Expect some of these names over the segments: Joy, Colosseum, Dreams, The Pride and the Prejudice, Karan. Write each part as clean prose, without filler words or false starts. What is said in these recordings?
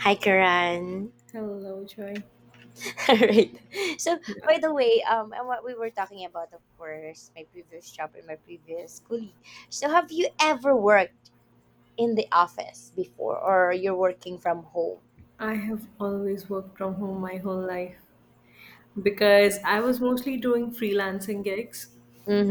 Hi, Karan. Hello, Joy. All right. So, Yeah, by the way, and what we were talking about, of course, my previous job and my previous colleague. So, have you ever worked in the office before, or you're working from home? I have always worked from home my whole life because I was mostly doing freelancing gigs,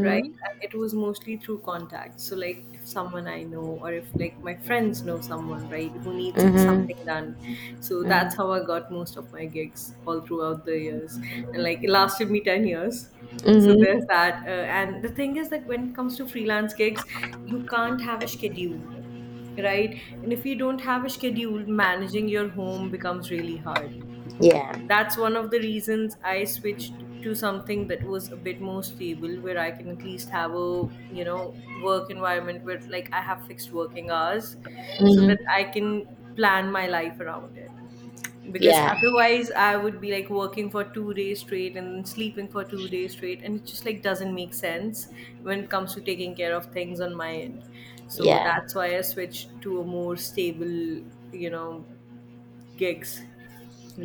right? And it was mostly through contacts. So, like, if someone I know or if like my friends know someone, right, who needs something Mm-hmm. done. So that's Mm-hmm. how I got most of my gigs all throughout the years. And like, it lasted me 10 years. So there's Mm-hmm. that. And the thing is that when it comes to freelance gigs, you can't have a schedule, right? And if you don't have a schedule, managing your home becomes really hard. Yeah. That's one of the reasons I switched to something that was a bit more stable where I can at least have a, you know, work environment where like I have fixed working hours so that Mm-hmm. I can plan my life around it, because Yeah. otherwise I would be like working for two days straight and sleeping for two days straight, and it just like doesn't make sense when it comes to taking care of things on my end. So Yeah. that's why I switched to a more stable, you know, gigs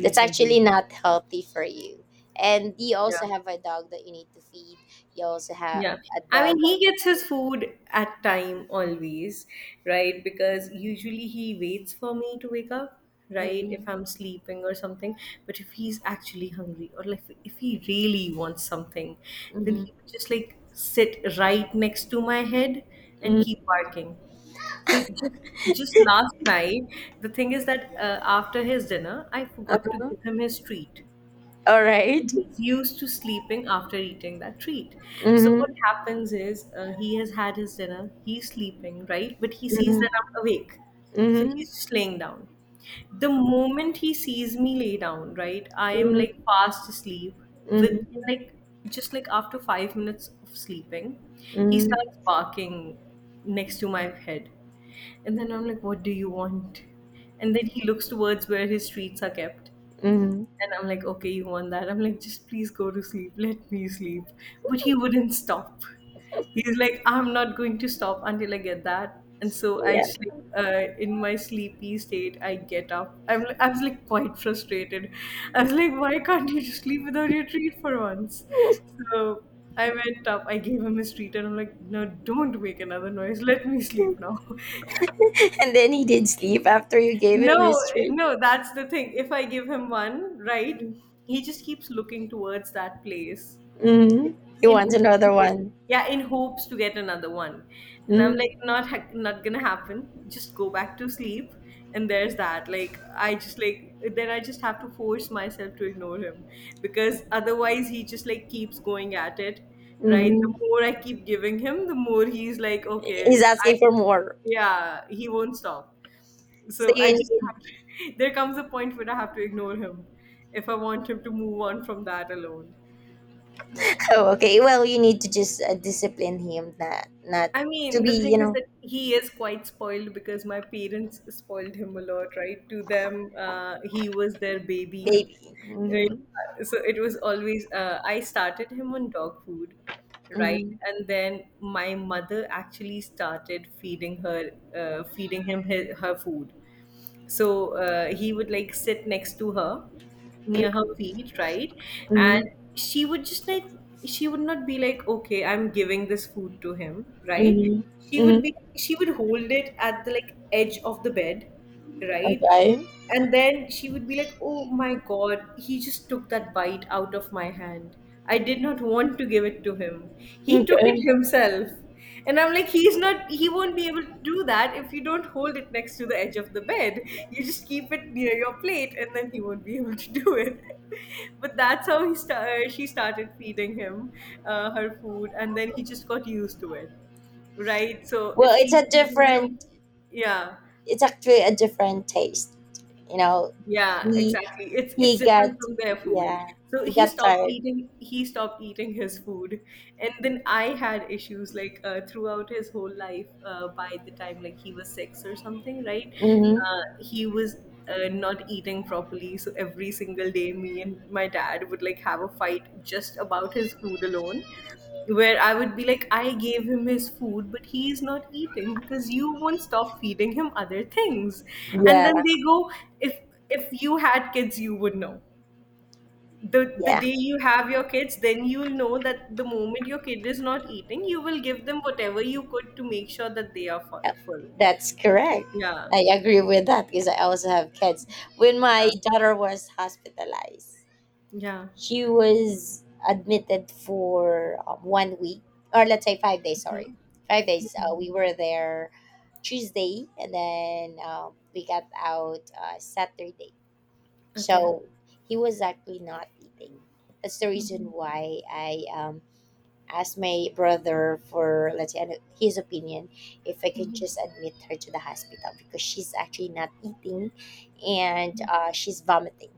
That's actually not healthy for you. And you Yeah. also have a dog that you need to feed. You also have Yeah, a I mean, dog that he gets his you food at time always, right? Because usually he waits for me to wake up, need right? If to. I'm sleeping or something. But if he's actually hungry or like if he really wants something, Mm-hmm. then Mm-hmm. he would just like sit right next to my head and keep Mm-hmm. barking. So just last night, the thing is that after his dinner, I forgot to Uh-huh. give him his treat. All right. He's used to sleeping after eating that treat. So what Mm-hmm. happens is, he has had his dinner, he's sleeping, right? But he sees Mhm, that I'm awake. So mhm, he's just laying down. The moment he sees me lay down, right, I am mhm, like fast asleep with, mhm, like, just like after five minutes of sleeping, he mhm, starts barking next to my head. And then I'm like, what do you want? And then he looks towards where his treats are kept. mhm. And I'm like, okay, you want that? I'm like, just please go to sleep. Let me sleep. But he wouldn't stop. He's like, I'm not going to stop until I get that. And so I Yeah. just like, in my sleepy state, I get up. I was like quite frustrated. I was like, why can't you just sleep without your treat for once? So I went up. I gave him his treat, and I'm like, no, don't make another noise. Let me sleep now. And then he did sleep after you gave him No, his treat. no, that's the thing. If I give him one, right, he just keeps looking towards that place Mm-hmm. He in wants hopes another he get, one. yeah, in hopes to get another one. And I'm Mm-hmm. like, not gonna happen. Just go back to sleep. And there's that. Like I just like then I just have to force myself to ignore him because otherwise he just like keeps going at it, right? Mm-hmm. The more I keep giving him, the more he's like, okay, He's I asking for more. yeah, he won't stop. So So I you just need. have to, there comes a point where I have to ignore him if I want him to move on from that alone. Yeah. Oh, okay. Well, you need to just discipline him. Not I to mean, be, the you thing is know, that he is quite spoiled because my parents spoiled him a lot, right? To them, he was their baby. baby. Uh, Mm-hmm. So it was always, I started him on dog food, right? Mm-hmm. And then my mother actually started feeding her, feeding him his, her food. So he would like sit next to her, near her feet, right? And Mm-hmm. she would just like, she would not be like, okay, I'm giving this food to him, right? Mm-hmm. Mm-hmm. She would hold it at the like edge of the bed, right? Okay. And then she would be like, oh my God, he just took that bite out of my hand. I did not want to give it to him. He took it Okay. himself. And I'm like, he won't be able to do that if you don't hold it next to the edge of the bed. You just keep it near your plate and then he won't be able to do it. But that's how she started feeding him her food and then he just got used to it, right? So Well, if it's she's a eating different, some, yeah. it's actually a different taste. You know, Yeah, he exactly. It's he it's different got, from their food. yeah, So he got tired. He stopped eating his food. And then I had issues like throughout his whole life, by the time like he was 6 or something, right? Mm-hmm. He was not eating properly. So every single day me and my dad would like have a fight just about his food alone where I would be like, I gave him his food, but he is not eating because you won't stop feeding him other things. And Yeah, then they go, if if you had kids, you would know. The yeah. day you have your kids, then you'll know that the moment your kid is not eating, you will give them whatever you could to make sure that they are Uh, full. that's correct. Yeah, I agree with that because I also have kids. When my yeah, daughter was hospitalized, yeah. she was admitted for 1 week, or let's say 5 days. Sorry, Hmm. 5 days. We were there Tuesday, and then we got out Saturday. Okay. So he was actually not eating. That's the reason why I asked my brother for, let's say, his opinion if I can just admit her to the hospital because she's actually not eating and she's vomiting.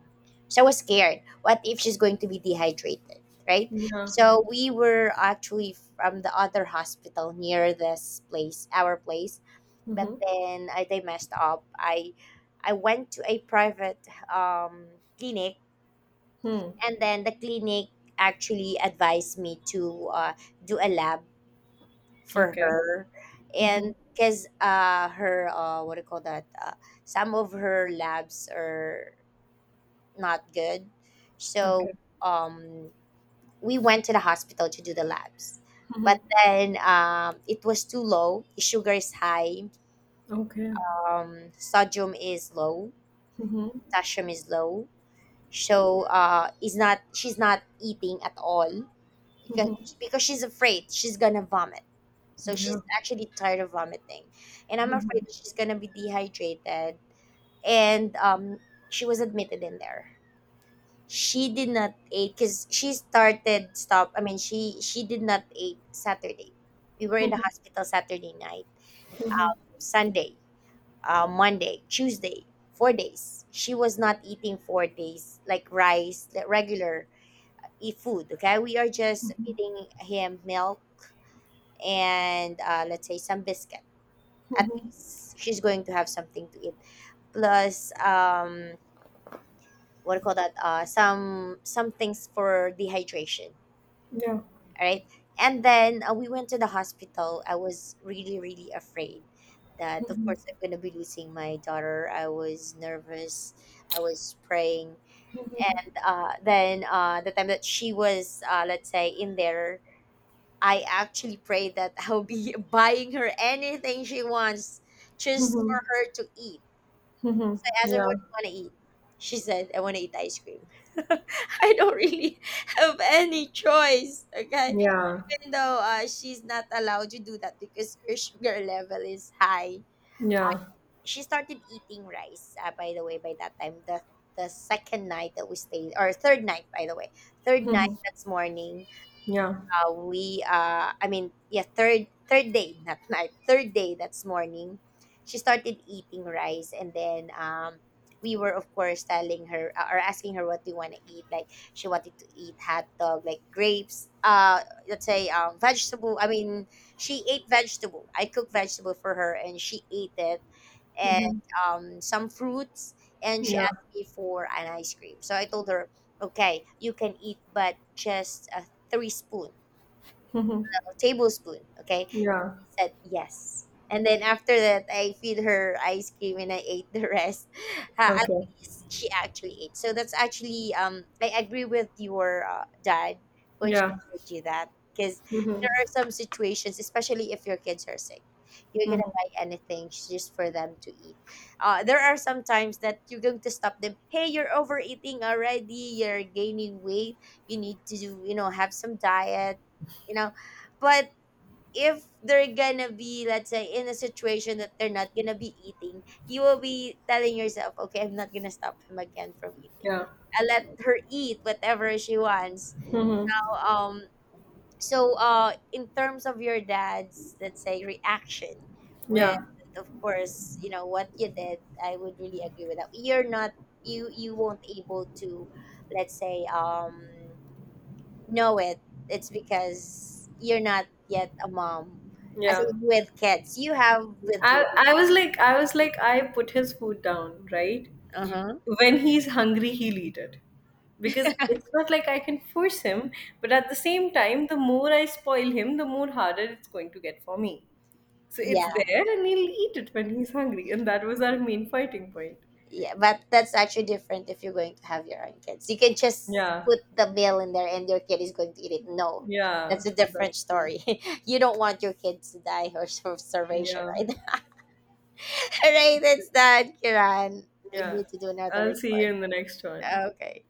So I was scared. What if she's going to be dehydrated, right? Yeah. So we were actually from the other hospital near this place, our place, but Mm-hmm. then I, they messed up. I went to a private um, clinic, Hmm. and then the clinic actually advised me to do a lab for Okay. her, and Mm-hmm. because her what do you call that? Some of her labs are not good, so Okay. um, we went to the hospital to do the labs. But Mm-hmm. then it was too low. Sugar is high. Okay. Sodium is low, Mm-hmm. potassium is low. So is not she's not eating at all because Mm-hmm. because she's afraid she's gonna vomit. So she's Yeah. actually tired of vomiting, and I'm afraid that she's gonna be dehydrated. And she was admitted in there. She did not eat because she started stop. I mean, she did not eat Saturday. We were in the hospital Saturday night, Mhm. Sunday, Monday, Tuesday, 4 days. She was not eating 4 days, like rice, like regular e food. Okay, we are just feeding him milk and, let's say, some biscuit. At Mhm. least she's going to have something to eat. Plus, what do you call that? Some things for dehydration. Yeah. All right. And then we went to the hospital. I was really, really afraid that, of course, I'm going to be losing my daughter. I was nervous. I was praying. Then the time that she was, let's say, in there, I actually prayed that I'll be buying her anything she wants just for Mhm. her to eat. Mhm. So I asked her, Yeah. "What do you want to eat?" She said, "I want to eat ice cream." I don't really have any choice. Okay, Yeah. even though she's not allowed to do that because her sugar level is high, Yeah. she started eating rice. By the way, by that time, the second night that we stayed, or third night, by the way, third night, that's morning, Yeah. We I mean yeah, third day, not night, third day, that's morning, she started eating rice. And then we were, of course, telling her, or asking her, what we want to eat. Like, she wanted to eat hot dog, like grapes, let's say vegetable. She ate vegetable. I cooked vegetable for her and she ate it, and Mhm. Some fruits. And she Yeah. asked me for an ice cream, so I told her, okay, you can eat but just three spoon, Mhm. a tablespoon. Okay. Yeah. Said yes. And then after that, I feed her ice cream and I ate the rest. At Okay. least she actually ate. So that's actually, I agree with your dad when she Yeah. told you that. Because Mhm. there are some situations, especially if your kids are sick, you're going to Mhm. buy anything just for them to eat. There are some times that you're going to stop them. Hey, you're overeating already. You're gaining weight. You need to, do, you know, have some diet, you know. But if they're gonna be, let's say, in a situation that they're not gonna be eating, you will be telling yourself, okay, I'm not gonna stop him again from eating. Yeah. I let her eat whatever she wants. Mhm. Um, in terms of your dad's, let's say, reaction with, Yeah. of course, you know what you did, I would really agree with that. You're not, you won't able to, let's say, know it. It's because you're not yet a mom. As Yeah. in with kids, you have with your. I was like, I put his food down, right? Uh huh. When he's hungry, he'll eat it. Because it's not like I can force him, but at the same time, the more I spoil him, the more harder it's going to get for me. So it's Yeah, there and he'll eat it when he's hungry. And that was our main fighting point. yeah, but that's actually different if you're going to have your own kids. You can just Yeah. put the meal in there and your kid is going to eat it. No, Yeah. that's a That's different true. story. You don't want your kids to die or sort of starvation, Yeah. right? All right, that's done, Kiran. We Yeah. need to do another I'll see you recording. in the next one. Okay.